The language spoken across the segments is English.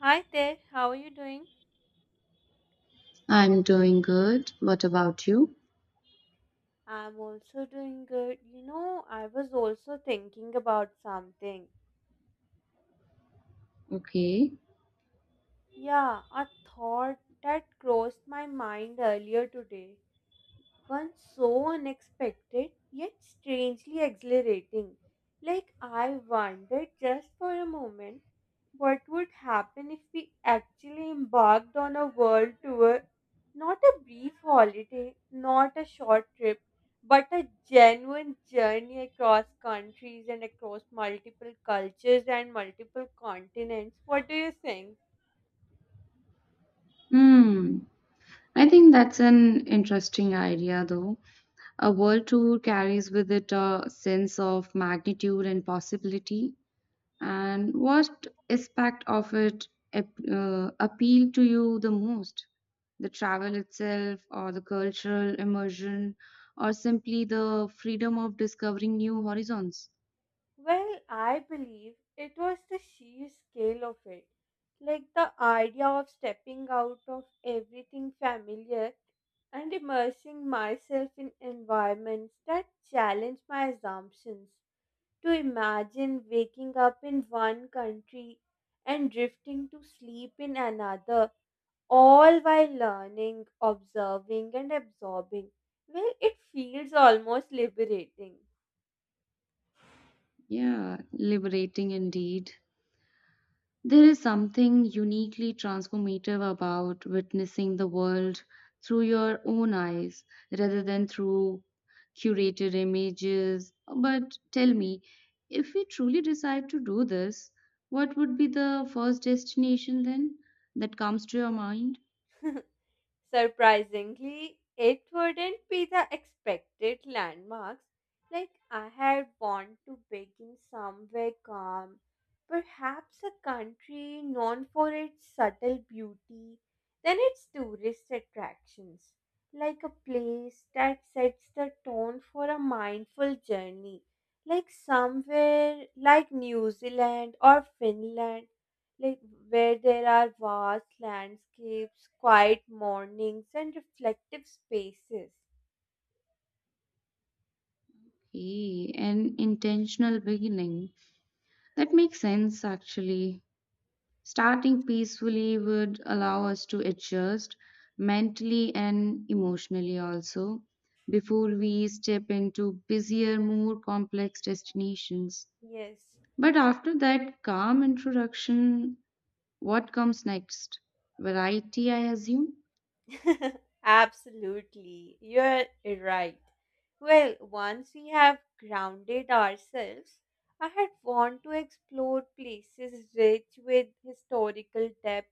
Hi there, how are you doing? I'm doing good. What about you? I'm also doing good. You know, I was also thinking about something. Okay. Yeah, a thought that crossed my mind earlier today. One so unexpected yet strangely exhilarating. Like I wondered just for a moment what would happen if we actually embarked on a world tour. Not a brief holiday, not a short trip, but a genuine journey across countries and across multiple cultures and multiple continents. What do you think? Hmm. I think that's an interesting idea, though. A world tour carries with it a sense of magnitude and possibility. And what aspect of it appealed to you the most? The travel itself, or the cultural immersion, or simply the freedom of discovering new horizons? Well, I believe it was the sheer scale of it. Like the idea of stepping out of everything familiar and immersing myself in environments that challenge my assumptions. To imagine waking up in one country and drifting to sleep in another, all while learning, observing, and absorbing. Well, it feels almost liberating. Yeah, liberating indeed. There is something uniquely transformative about witnessing the world through your own eyes rather than through curated images. But tell me, if we truly decide to do this, what would be the first destination then that comes to your mind? Surprisingly, it wouldn't be the expected landmarks. Like I had want to begin somewhere calm, perhaps a country known for its subtle beauty, then its tourist attractions, like a place that sets the tone for a mindful journey, like somewhere like New Zealand or Finland, like where there are vast landscapes, quiet mornings, and reflective spaces. Hey, an intentional beginning. That makes sense actually. Starting peacefully would allow us to adjust mentally and emotionally also before we step into busier, more complex destinations. Yes. But after that calm introduction, what comes next? Variety, I assume? Absolutely. You're right. Well, once we have grounded ourselves, I had want to explore places rich with historical depth,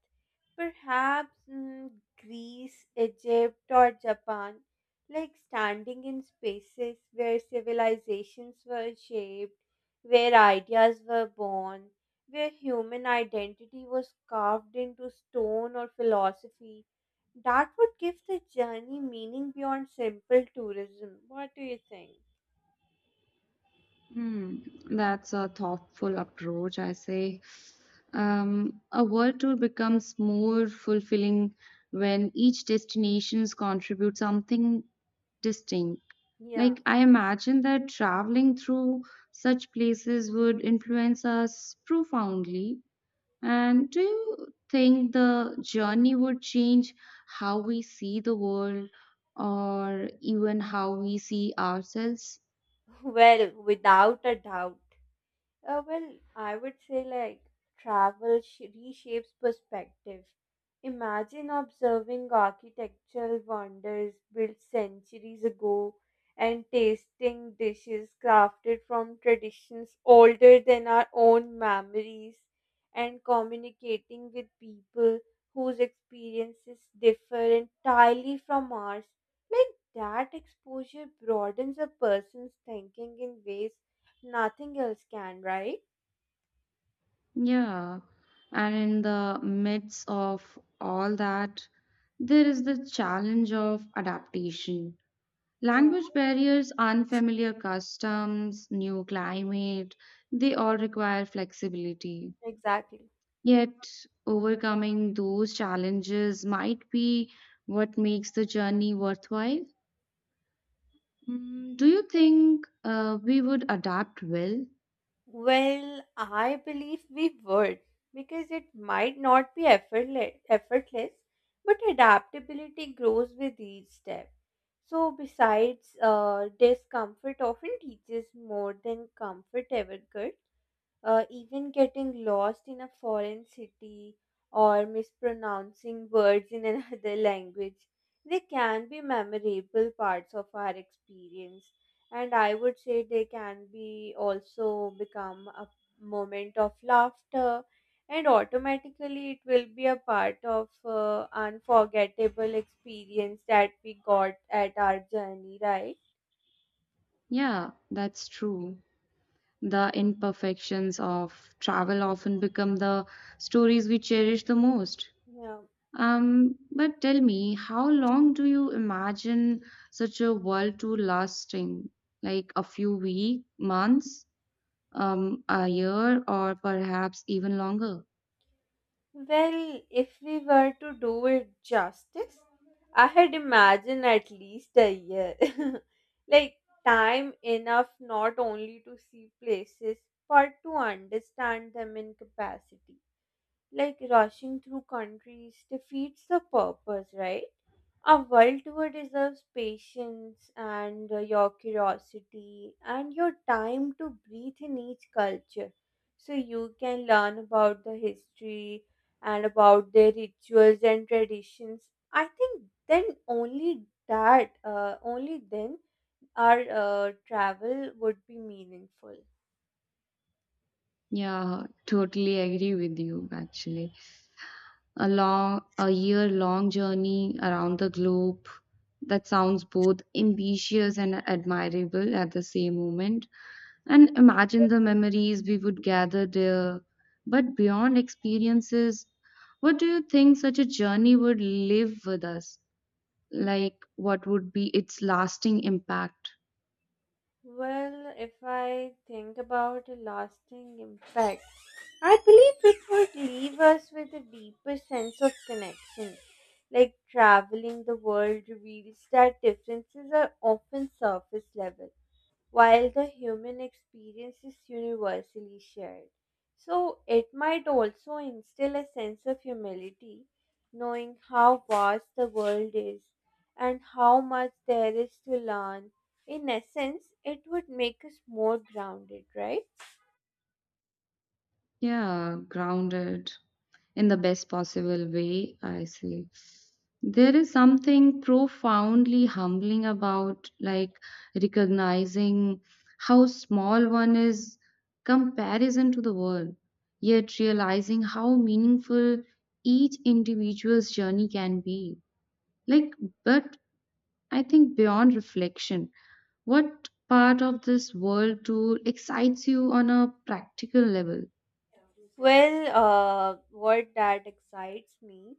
perhaps Greece, Egypt, or Japan, like standing in spaces where civilizations were shaped, where ideas were born, where human identity was carved into stone or philosophy that would give the journey meaning beyond simple tourism. What do you think? Hmm, that's a thoughtful approach, I say. A world tour becomes more fulfilling when each destinations contribute something distinct. Yeah. Like, I imagine that traveling through such places would influence us profoundly. And do you think the journey would change how we see the world or even how we see ourselves? Well, without a doubt. Well, I would say like travel reshapes perspective. Imagine observing architectural wonders built centuries ago and tasting dishes crafted from traditions older than our own memories and communicating with people whose experiences differ entirely from ours. Like that exposure broadens a person's thinking in ways nothing else can, right? Yeah. And in the midst of all that, there is the challenge of adaptation. Yeah. Language barriers, unfamiliar customs, new climate, they all require flexibility. Exactly. Yet, overcoming those challenges might be what makes the journey worthwhile. Mm, do you think we would adapt well? Well, I believe we would because it might not be effortless, but adaptability grows with each step. So, besides, discomfort often teaches more than comfort ever could. Even getting lost in a foreign city or mispronouncing words in another language, they can be memorable parts of our experience. And I would say they can be also become a moment of laughter, and automatically it will be a part of unforgettable experience that we got at our journey, right? Yeah, that's true. The imperfections of travel often become the stories we cherish the most. Yeah. But tell me, how long do you imagine such a world to lasting? Like a few weeks, months, a year, or perhaps even longer? Well, if we were to do it justice, I had imagined at least a year. Like, time enough not only to see places, but to understand them in capacity. Like, rushing through countries defeats the purpose, right? A world tour deserves patience and your curiosity and your time to breathe in each culture. So you can learn about the history and about their rituals and traditions. I think then only that, only then our travel would be meaningful. Yeah, totally agree with you actually. A long, a year long journey around the globe. That sounds both ambitious and admirable at the same moment. And imagine the memories we would gather there. But beyond experiences, what do you think such a journey would live with us? Like, what would be its lasting impact? Well, if I think about a lasting impact, I believe it would leave us with a deeper sense of connection. Like traveling the world reveals that differences are often surface level while the human experience is universally shared. So it might also instill a sense of humility, knowing how vast the world is and how much there is to learn. In essence, it would make us more grounded, right? Yeah, grounded, in the best possible way, I say. There is something profoundly humbling about like recognizing how small one is comparison to the world, yet realizing how meaningful each individual's journey can be. Like, but I think beyond reflection, what part of this world tool excites you on a practical level? Well, what that excites me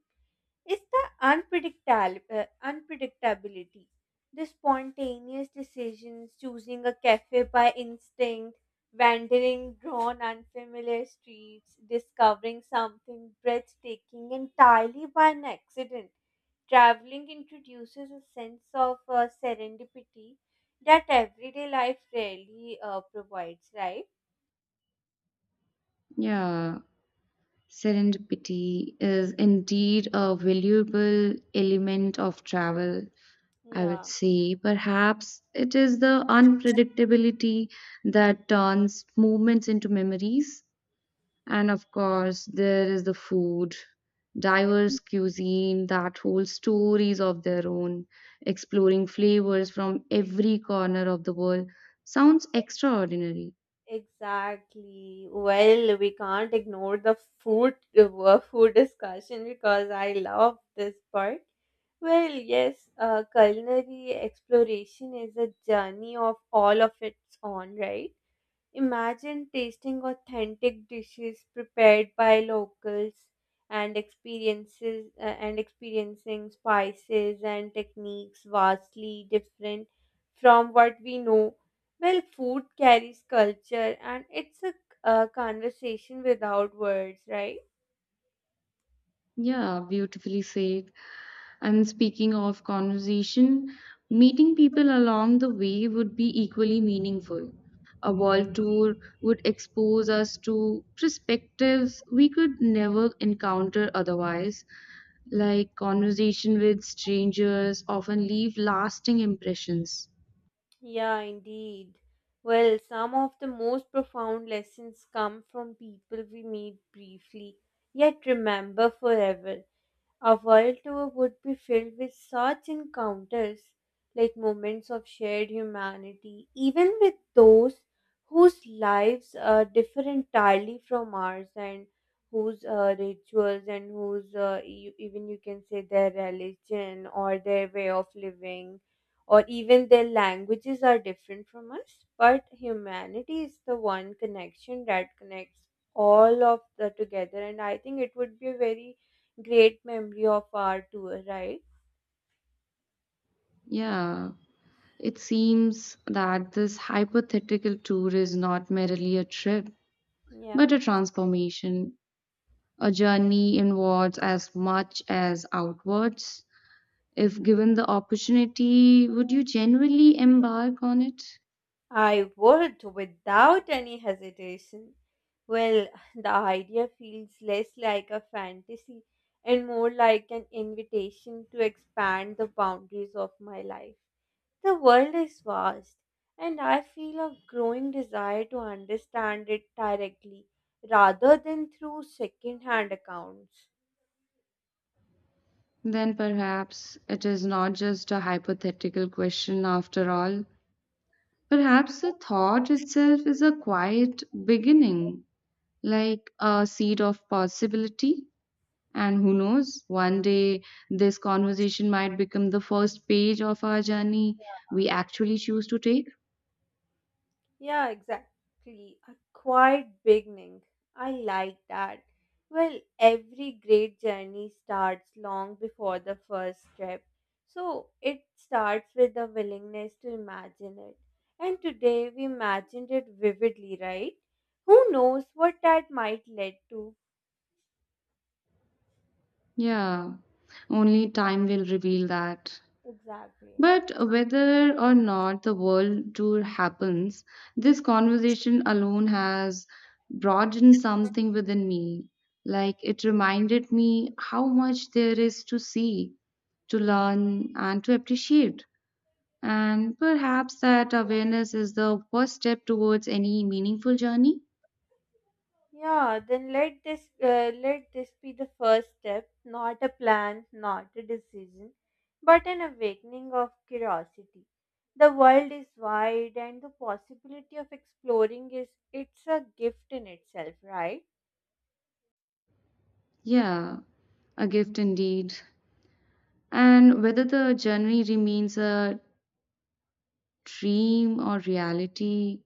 is the unpredictability. The spontaneous decisions, choosing a cafe by instinct, wandering drawn unfamiliar streets, discovering something breathtaking entirely by an accident. Traveling introduces a sense of serendipity that everyday life rarely provides, right? Yeah. Serendipity is indeed a valuable element of travel, I would Yeah. say. Perhaps it is the unpredictability that turns moments into memories. And of course, there is the food, diverse cuisine that holds stories of their own, exploring flavors from every corner of the world. Sounds extraordinary. Exactly. Well, we can't ignore the food food discussion because I love this part. Well, yes, culinary exploration is a journey of all of its own, right? Imagine tasting authentic dishes prepared by locals and experiences and experiencing spices and techniques vastly different from what we know. Well, food carries culture and it's a conversation without words, right? Yeah, beautifully said. And speaking of conversation, meeting people along the way would be equally meaningful. A world tour would expose us to perspectives we could never encounter otherwise. Like conversation with strangers often leave lasting impressions. Yeah, indeed. Well, some of the most profound lessons come from people we meet briefly, yet remember forever. A world tour would be filled with such encounters, like moments of shared humanity, even with those whose lives differ entirely from ours and whose rituals and even you can say, their religion or their way of living or even their languages are different from us. But humanity is the one connection that connects all of the together, and I think it would be a very great memory of our tour, right? Yeah, it seems that this hypothetical tour is not merely a trip, Yeah. but a transformation. A journey inwards as much as outwards. If given the opportunity, would you generally embark on it? I would without any hesitation. Well, the idea feels less like a fantasy and more like an invitation to expand the boundaries of my life. The world is vast, and I feel a growing desire to understand it directly rather than through second hand accounts. Then perhaps it is not just a hypothetical question after all. Perhaps the thought itself is a quiet beginning, like a seed of possibility. And who knows, one day this conversation might become the first page of our journey we actually choose to take. Yeah, exactly. A quiet beginning. I like that. Well, every great journey starts long before the first step. So it starts with the willingness to imagine it. And today we imagined it vividly, right? Who knows what that might lead to? Yeah, only time will reveal that. Exactly. But whether or not the world tour happens, this conversation alone has broadened something within me. Like it reminded me how much there is to see, to learn, and to appreciate. And perhaps that awareness is the first step towards any meaningful journey. Yeah, then let this be the first step, not a plan, not a decision, but an awakening of curiosity. The world is wide and the possibility of exploring is it's a gift in itself, right? Yeah, a gift indeed. And whether the journey remains a dream or reality,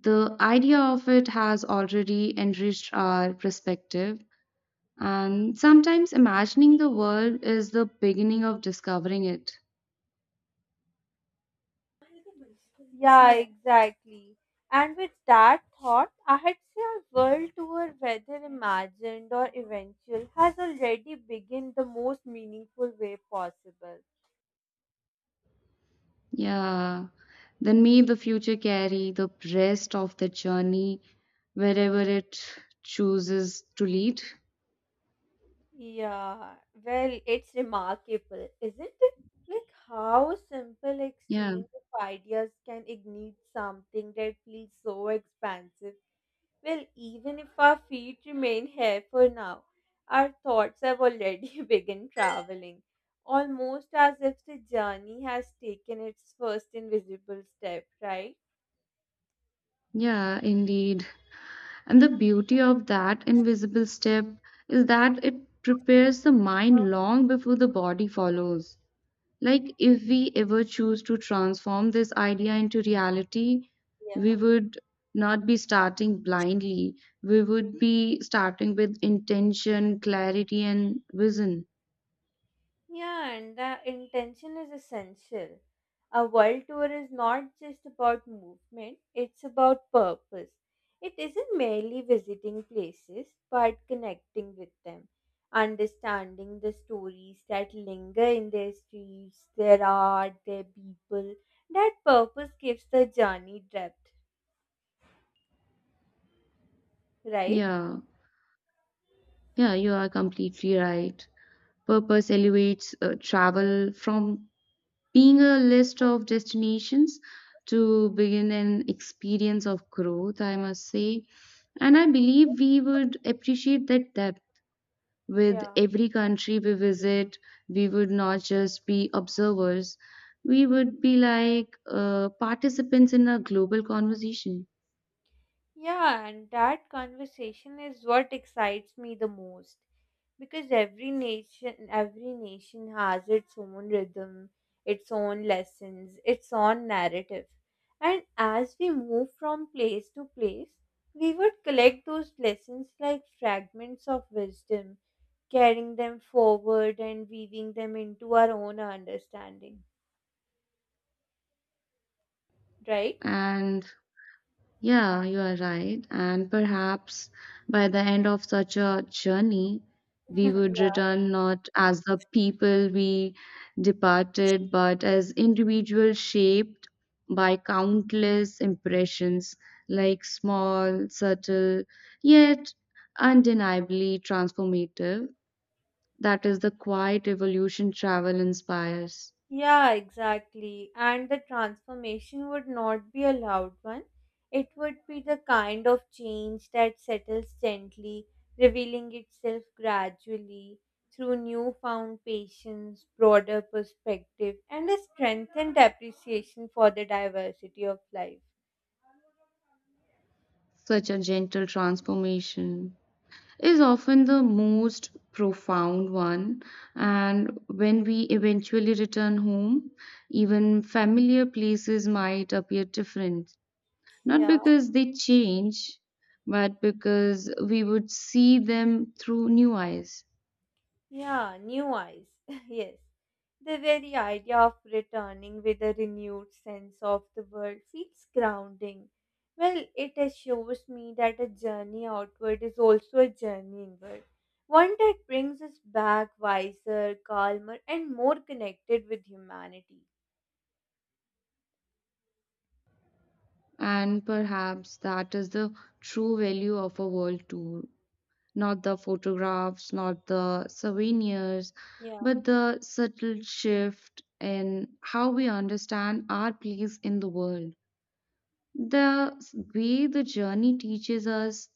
the idea of it has already enriched our perspective. And sometimes imagining the world is the beginning of discovering it. Yeah, yeah, exactly. And with that thought, I had say our world tour, whether imagined or eventual, has already begun the most meaningful way possible. Yeah. Then may the future carry the rest of the journey wherever it chooses to lead. Yeah, well, it's remarkable, isn't it? Like how simple Yeah. exchange of ideas can ignite something that feels so expansive. Well, even if our feet remain here for now, our thoughts have already begun traveling, almost as if the journey has taken its first invisible step, right? Yeah, indeed. And the beauty of that invisible step is that it prepares the mind long before the body follows. Like, if we ever choose to transform this idea into reality, we Yeah. would not be starting blindly. We would be starting with intention, clarity, and vision. Yeah, and the intention is essential. A world tour is not just about movement, it's about purpose. It isn't merely visiting places, but connecting with them, understanding the stories that linger in their streets, their art, their people. That purpose gives the journey depth, right? Yeah, yeah, you are completely right. Purpose elevates travel from being a list of destinations to begin an experience of growth, I must say. And I believe we would appreciate that depth. With Yeah. every country we visit, we would not just be observers, we would be like participants in a global conversation. Yeah, and that conversation is what excites me the most, because every nation has its own rhythm, its own lessons, its own narrative, and as we move from place to place we would collect those lessons like fragments of wisdom, carrying them forward and weaving them into our own understanding, right? And Yeah, you are right. And perhaps by the end of such a journey, we would Yeah. return not as the people we departed, but as individuals shaped by countless impressions, like small, subtle, yet undeniably transformative. That is the quiet evolution travel inspires, Yeah, exactly. And the transformation would not be a loud one. It would be the kind of change that settles gently, revealing itself gradually through newfound patience, broader perspective, and a strengthened appreciation for the diversity of life. such a gentle transformation, is often the most profound one. And when we eventually return home, even familiar places might appear different. Not Yeah. because they change, but because we would see them through new eyes. Yeah, new eyes. Yes. The very idea of returning with a renewed sense of the world feels grounding. Well, it assures me that a journey outward is also a journey inward, one that brings us back wiser, calmer, and more connected with humanity. And perhaps that is the true value of a world tour, not the photographs, not the souvenirs, Yeah. but the subtle shift in how we understand our place in the world. The way the journey teaches us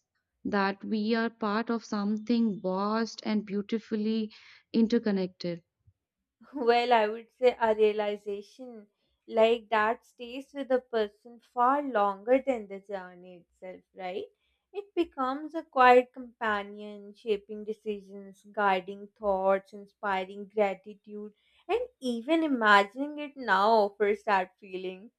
that we are part of something vast and beautifully interconnected. Well, I would say a realization like that stays with a person far longer than the journey itself, right? It becomes a quiet companion, shaping decisions, guiding thoughts, inspiring gratitude, and even imagining it now offers that feeling.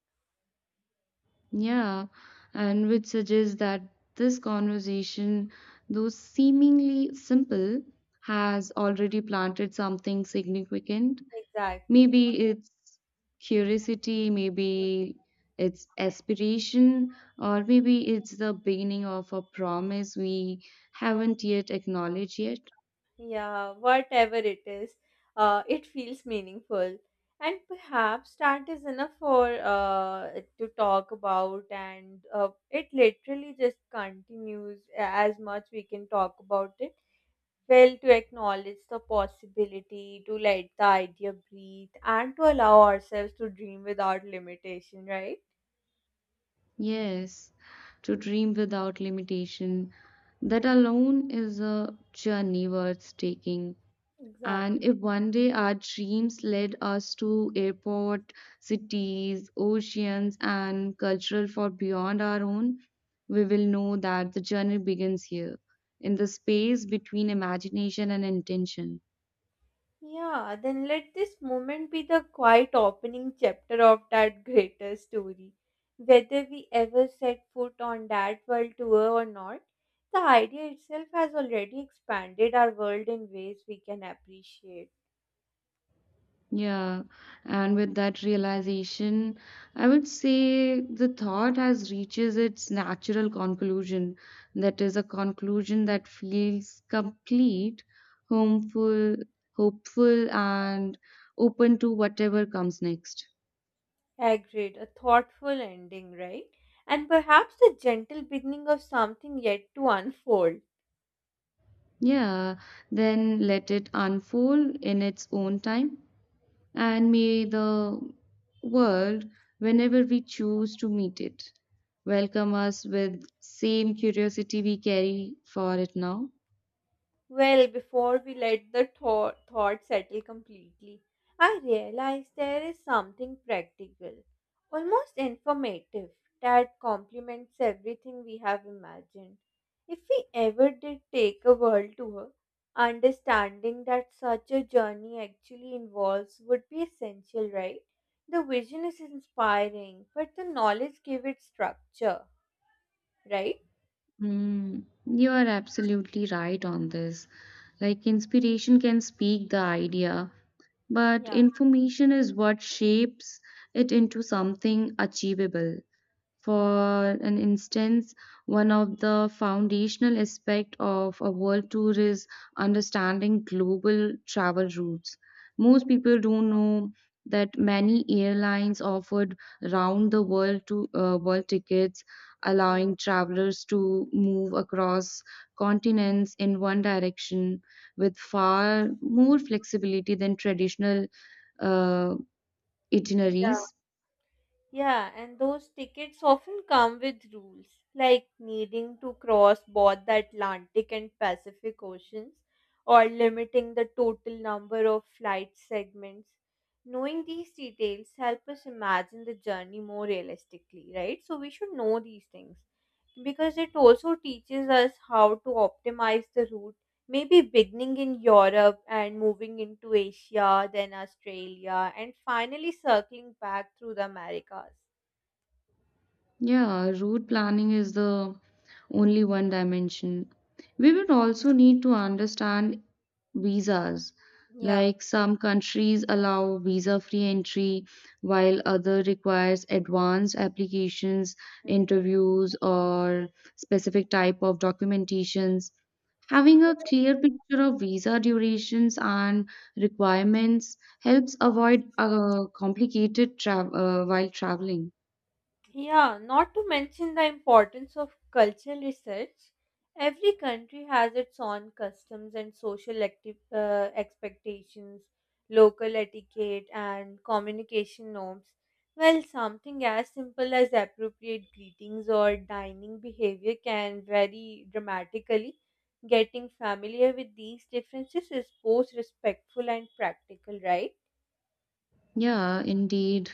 Yeah, and which suggests that this conversation, though seemingly simple, has already planted something significant. Exactly. Maybe it's curiosity, maybe it's aspiration, or maybe it's the beginning of a promise we haven't yet acknowledged yet. Yeah, whatever it is, it feels meaningful. And perhaps that is enough for to talk about, and it literally just continues as much we can talk about it. Well, to acknowledge the possibility, to let the idea breathe, and to allow ourselves to dream without limitation, right? Yes, to dream without limitation. That alone is a journey worth taking. And Exactly. if one day our dreams led us to airport, cities, oceans, and cultural for beyond our own, we will know that the journey begins here, in the space between imagination and intention. Yeah, then let this moment be the quiet opening chapter of that greater story. Whether we ever set foot on that world tour or not, the idea itself has already expanded our world in ways we can appreciate. Yeah, and with that realization, I would say the thought has reaches its natural conclusion. That is a conclusion that feels complete, homeful, hopeful, and open to whatever comes next. Agreed, a thoughtful ending, right? And perhaps the gentle beginning of something yet to unfold. Yeah, then let it unfold in its own time. And may the world, whenever we choose to meet it, welcome us with same curiosity we carry for it now. Well, before we let the thought settle completely, I realized there is something practical, almost informative, that complements everything we have imagined. If we ever did take a world tour, understanding that such a journey actually involves would be essential, right? The vision is inspiring, but the knowledge give it structure, right? Mm, you are absolutely right on this. Like inspiration can speak the idea, but Yeah. information is what shapes it into something achievable. For an instance, one of the foundational aspects of a world tour is understanding global travel routes. Most people don't know that many airlines offered round the world to world tickets, Mm. allowing travelers to move across continents in one direction with far more flexibility than traditional uh, Yeah. itineraries. Yeah, and those tickets often come with rules, like needing to cross both the Atlantic and Pacific Oceans, or limiting the total number of flight segments. Knowing these details help us imagine the journey more realistically, right? So we should know these things because it also teaches us how to optimize the route, maybe beginning in Europe and moving into Asia, then Australia, and finally circling back through the Americas. Yeah, route planning is the only one dimension. We would also need to understand visas. Yeah. Like some countries allow visa free entry, while other requires advanced applications, Mm. interviews, or specific type of documentations. Having a clear picture of visa durations and requirements helps avoid complicated while traveling. Yeah, not to mention the importance of cultural research. Every country has its own customs and social expectations, local etiquette, and communication norms. Well, something as simple as appropriate greetings or dining behavior can vary dramatically. Getting familiar with these differences is both respectful and practical, right? Yeah, indeed.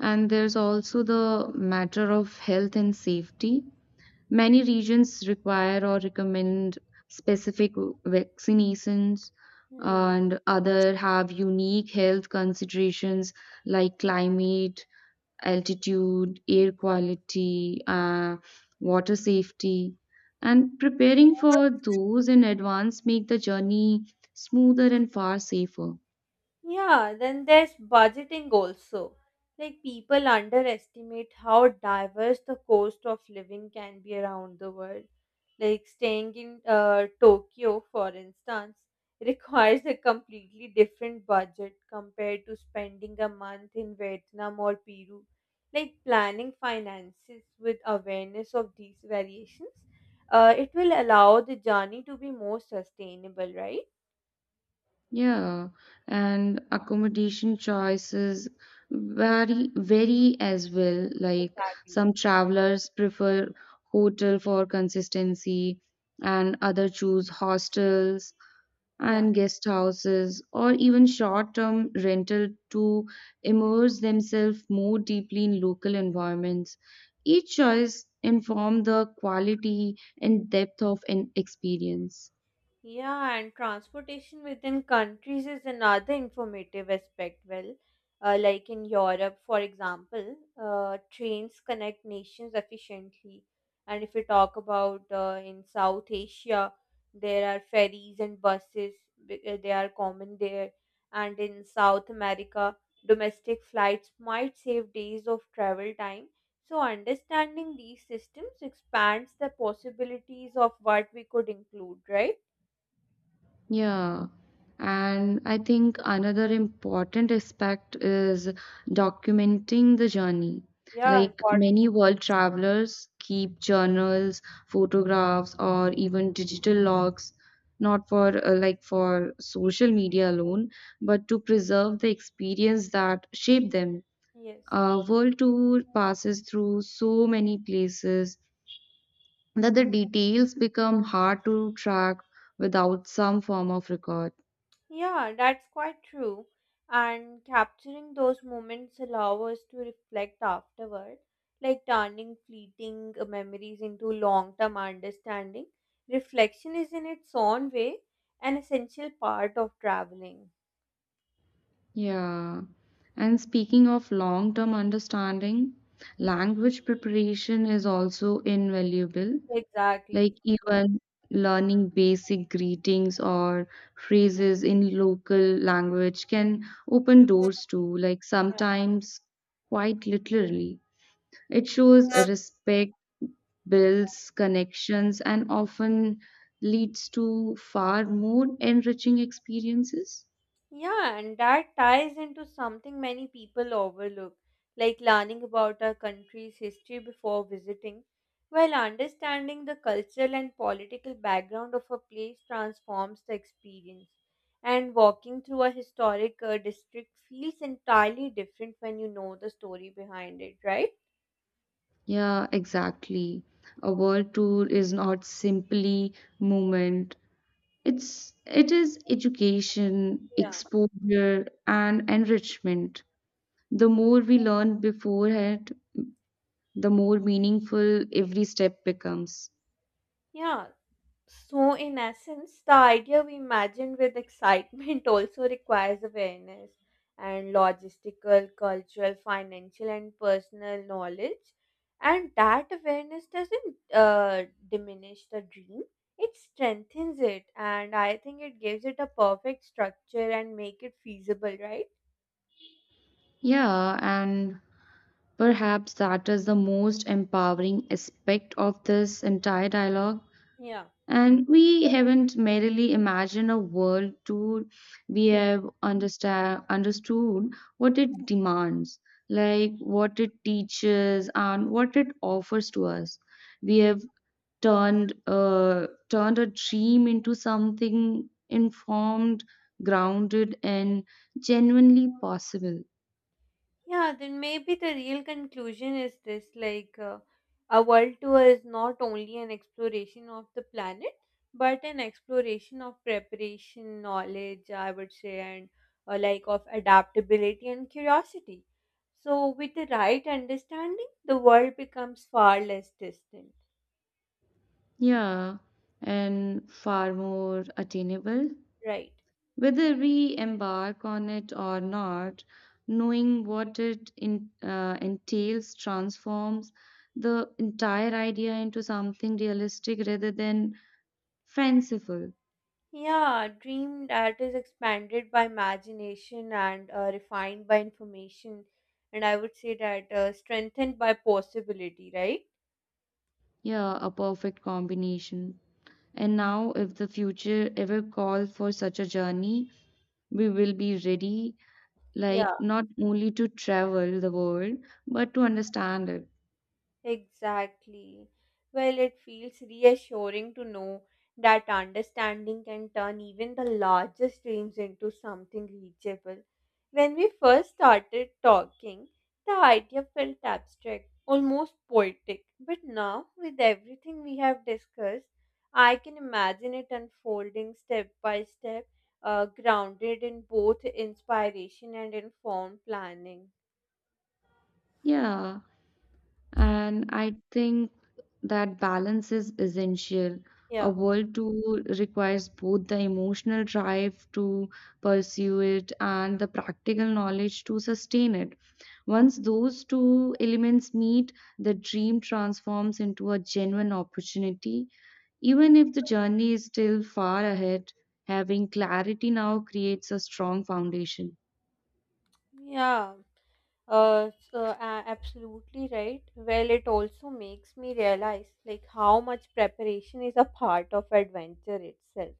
And there's also the matter of health and safety. Many regions require or recommend specific vaccinations, Hmm. and other have unique health considerations like climate, altitude, air quality, water safety. And preparing for those in advance make the journey smoother and far safer. Yeah, then there's budgeting also. Like people underestimate how diverse the cost of living can be around the world. Like staying in Tokyo, for instance, requires a completely different budget compared to spending a month in Vietnam or Peru. Like planning finances with awareness of these variations, it will allow the journey to be more sustainable, right? Yeah, and accommodation choices vary as well. Like Exactly. some travelers prefer hotel for consistency, and other choose hostels Yeah. and guest houses or even short-term rental to immerse themselves more deeply in local environments. Each choice inform the quality and depth of an experience. Yeah, and transportation within countries is another informative aspect. Well, like in Europe, for example, trains connect nations efficiently. And if we talk about in South Asia, there are ferries and buses, they are common there. And in South America, domestic flights might save days of travel time. So, understanding these systems expands the possibilities of what we could include, right? Yeah. And I think another important aspect is documenting the journey. Yeah, Like important. many world travelers keep journals, photographs, or even digital logs, not for like for social media alone, but to preserve the experience that shaped them. Yes. A world tour passes through so many places that the details become hard to track without some form of record. Yeah, that's quite true. And capturing those moments allow us to reflect afterward, like turning fleeting memories into long-term understanding. Reflection is in its own way an essential part of traveling. Yeah. And speaking of long term understanding, language preparation is also invaluable. Like, Exactly. even learning basic greetings or phrases in local language can open doors to, like, Yeah. sometimes quite literally. It shows respect, builds connections, and often leads to far more enriching experiences. Yeah, and that ties into something many people overlook, like learning about our country's history before visiting, while understanding the cultural and political background of a place transforms the experience. And walking through a historic district feels entirely different when you know the story behind it, right? Yeah, exactly. A world tour is not simply movement. It is education, Yeah. exposure, and enrichment. The more we learn beforehand, the more meaningful every step becomes. Yeah, so, in essence, the idea we imagined with excitement also requires awareness and logistical, cultural, financial, and personal knowledge. And that awareness doesn't diminish the dream, it strengthens it. And I think it gives it a perfect structure and make it feasible, right? Yeah, and perhaps that is the most empowering aspect of this entire dialogue. Yeah. And we haven't merely imagined a world too, we have understand understood what it demands, like what it teaches and what it offers to us. We have turned a dream into something informed, grounded, and genuinely possible. Yeah, then maybe the real conclusion is this, like a world tour is not only an exploration of the planet, but an exploration of preparation, knowledge, I would say, and like of adaptability and curiosity. So, with the right understanding, the world becomes far less distant, Yeah, and far more attainable. right? Whether we embark on it or not, knowing what it entails transforms the entire idea into something realistic rather than fanciful. Yeah, dream that is expanded by imagination and refined by information, and I would say that strengthened by possibility, right? Yeah, a perfect combination. And now, if the future ever calls for such a journey, we will be ready, like Yeah. not only to travel the world, but to understand it. Exactly. Well, it feels reassuring to know that understanding can turn even the largest dreams into something reachable. When we first started talking, the idea felt abstract, almost poetic. But now, with everything we have discussed, I can imagine it unfolding step by step, grounded in both inspiration and informed planning. Yeah. And I think that balance is essential. A Yeah. world tour requires both the emotional drive to pursue it and the practical knowledge to sustain it. Once those two elements meet, the dream transforms into a genuine opportunity. Even if the journey is still far ahead, having clarity now creates a strong foundation. Yeah. Absolutely right. Well, it also makes me realize like how much preparation is a part of adventure itself.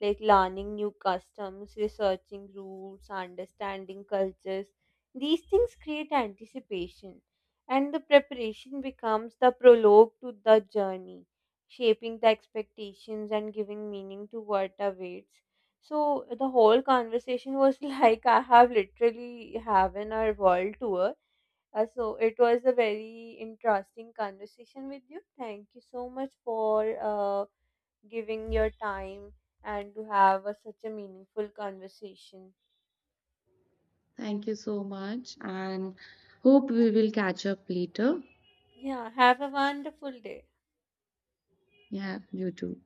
Like learning new customs, researching routes, understanding cultures. These things create anticipation, and the preparation becomes the prologue to the journey, shaping the expectations and giving meaning to what awaits. So the whole conversation was like I have literally having a world tour, so it was a very interesting conversation with you. Thank you so much for giving your time and to have a, such a meaningful conversation. Thank you so much and hope we will catch up later. Yeah, have a wonderful day. Yeah, you too.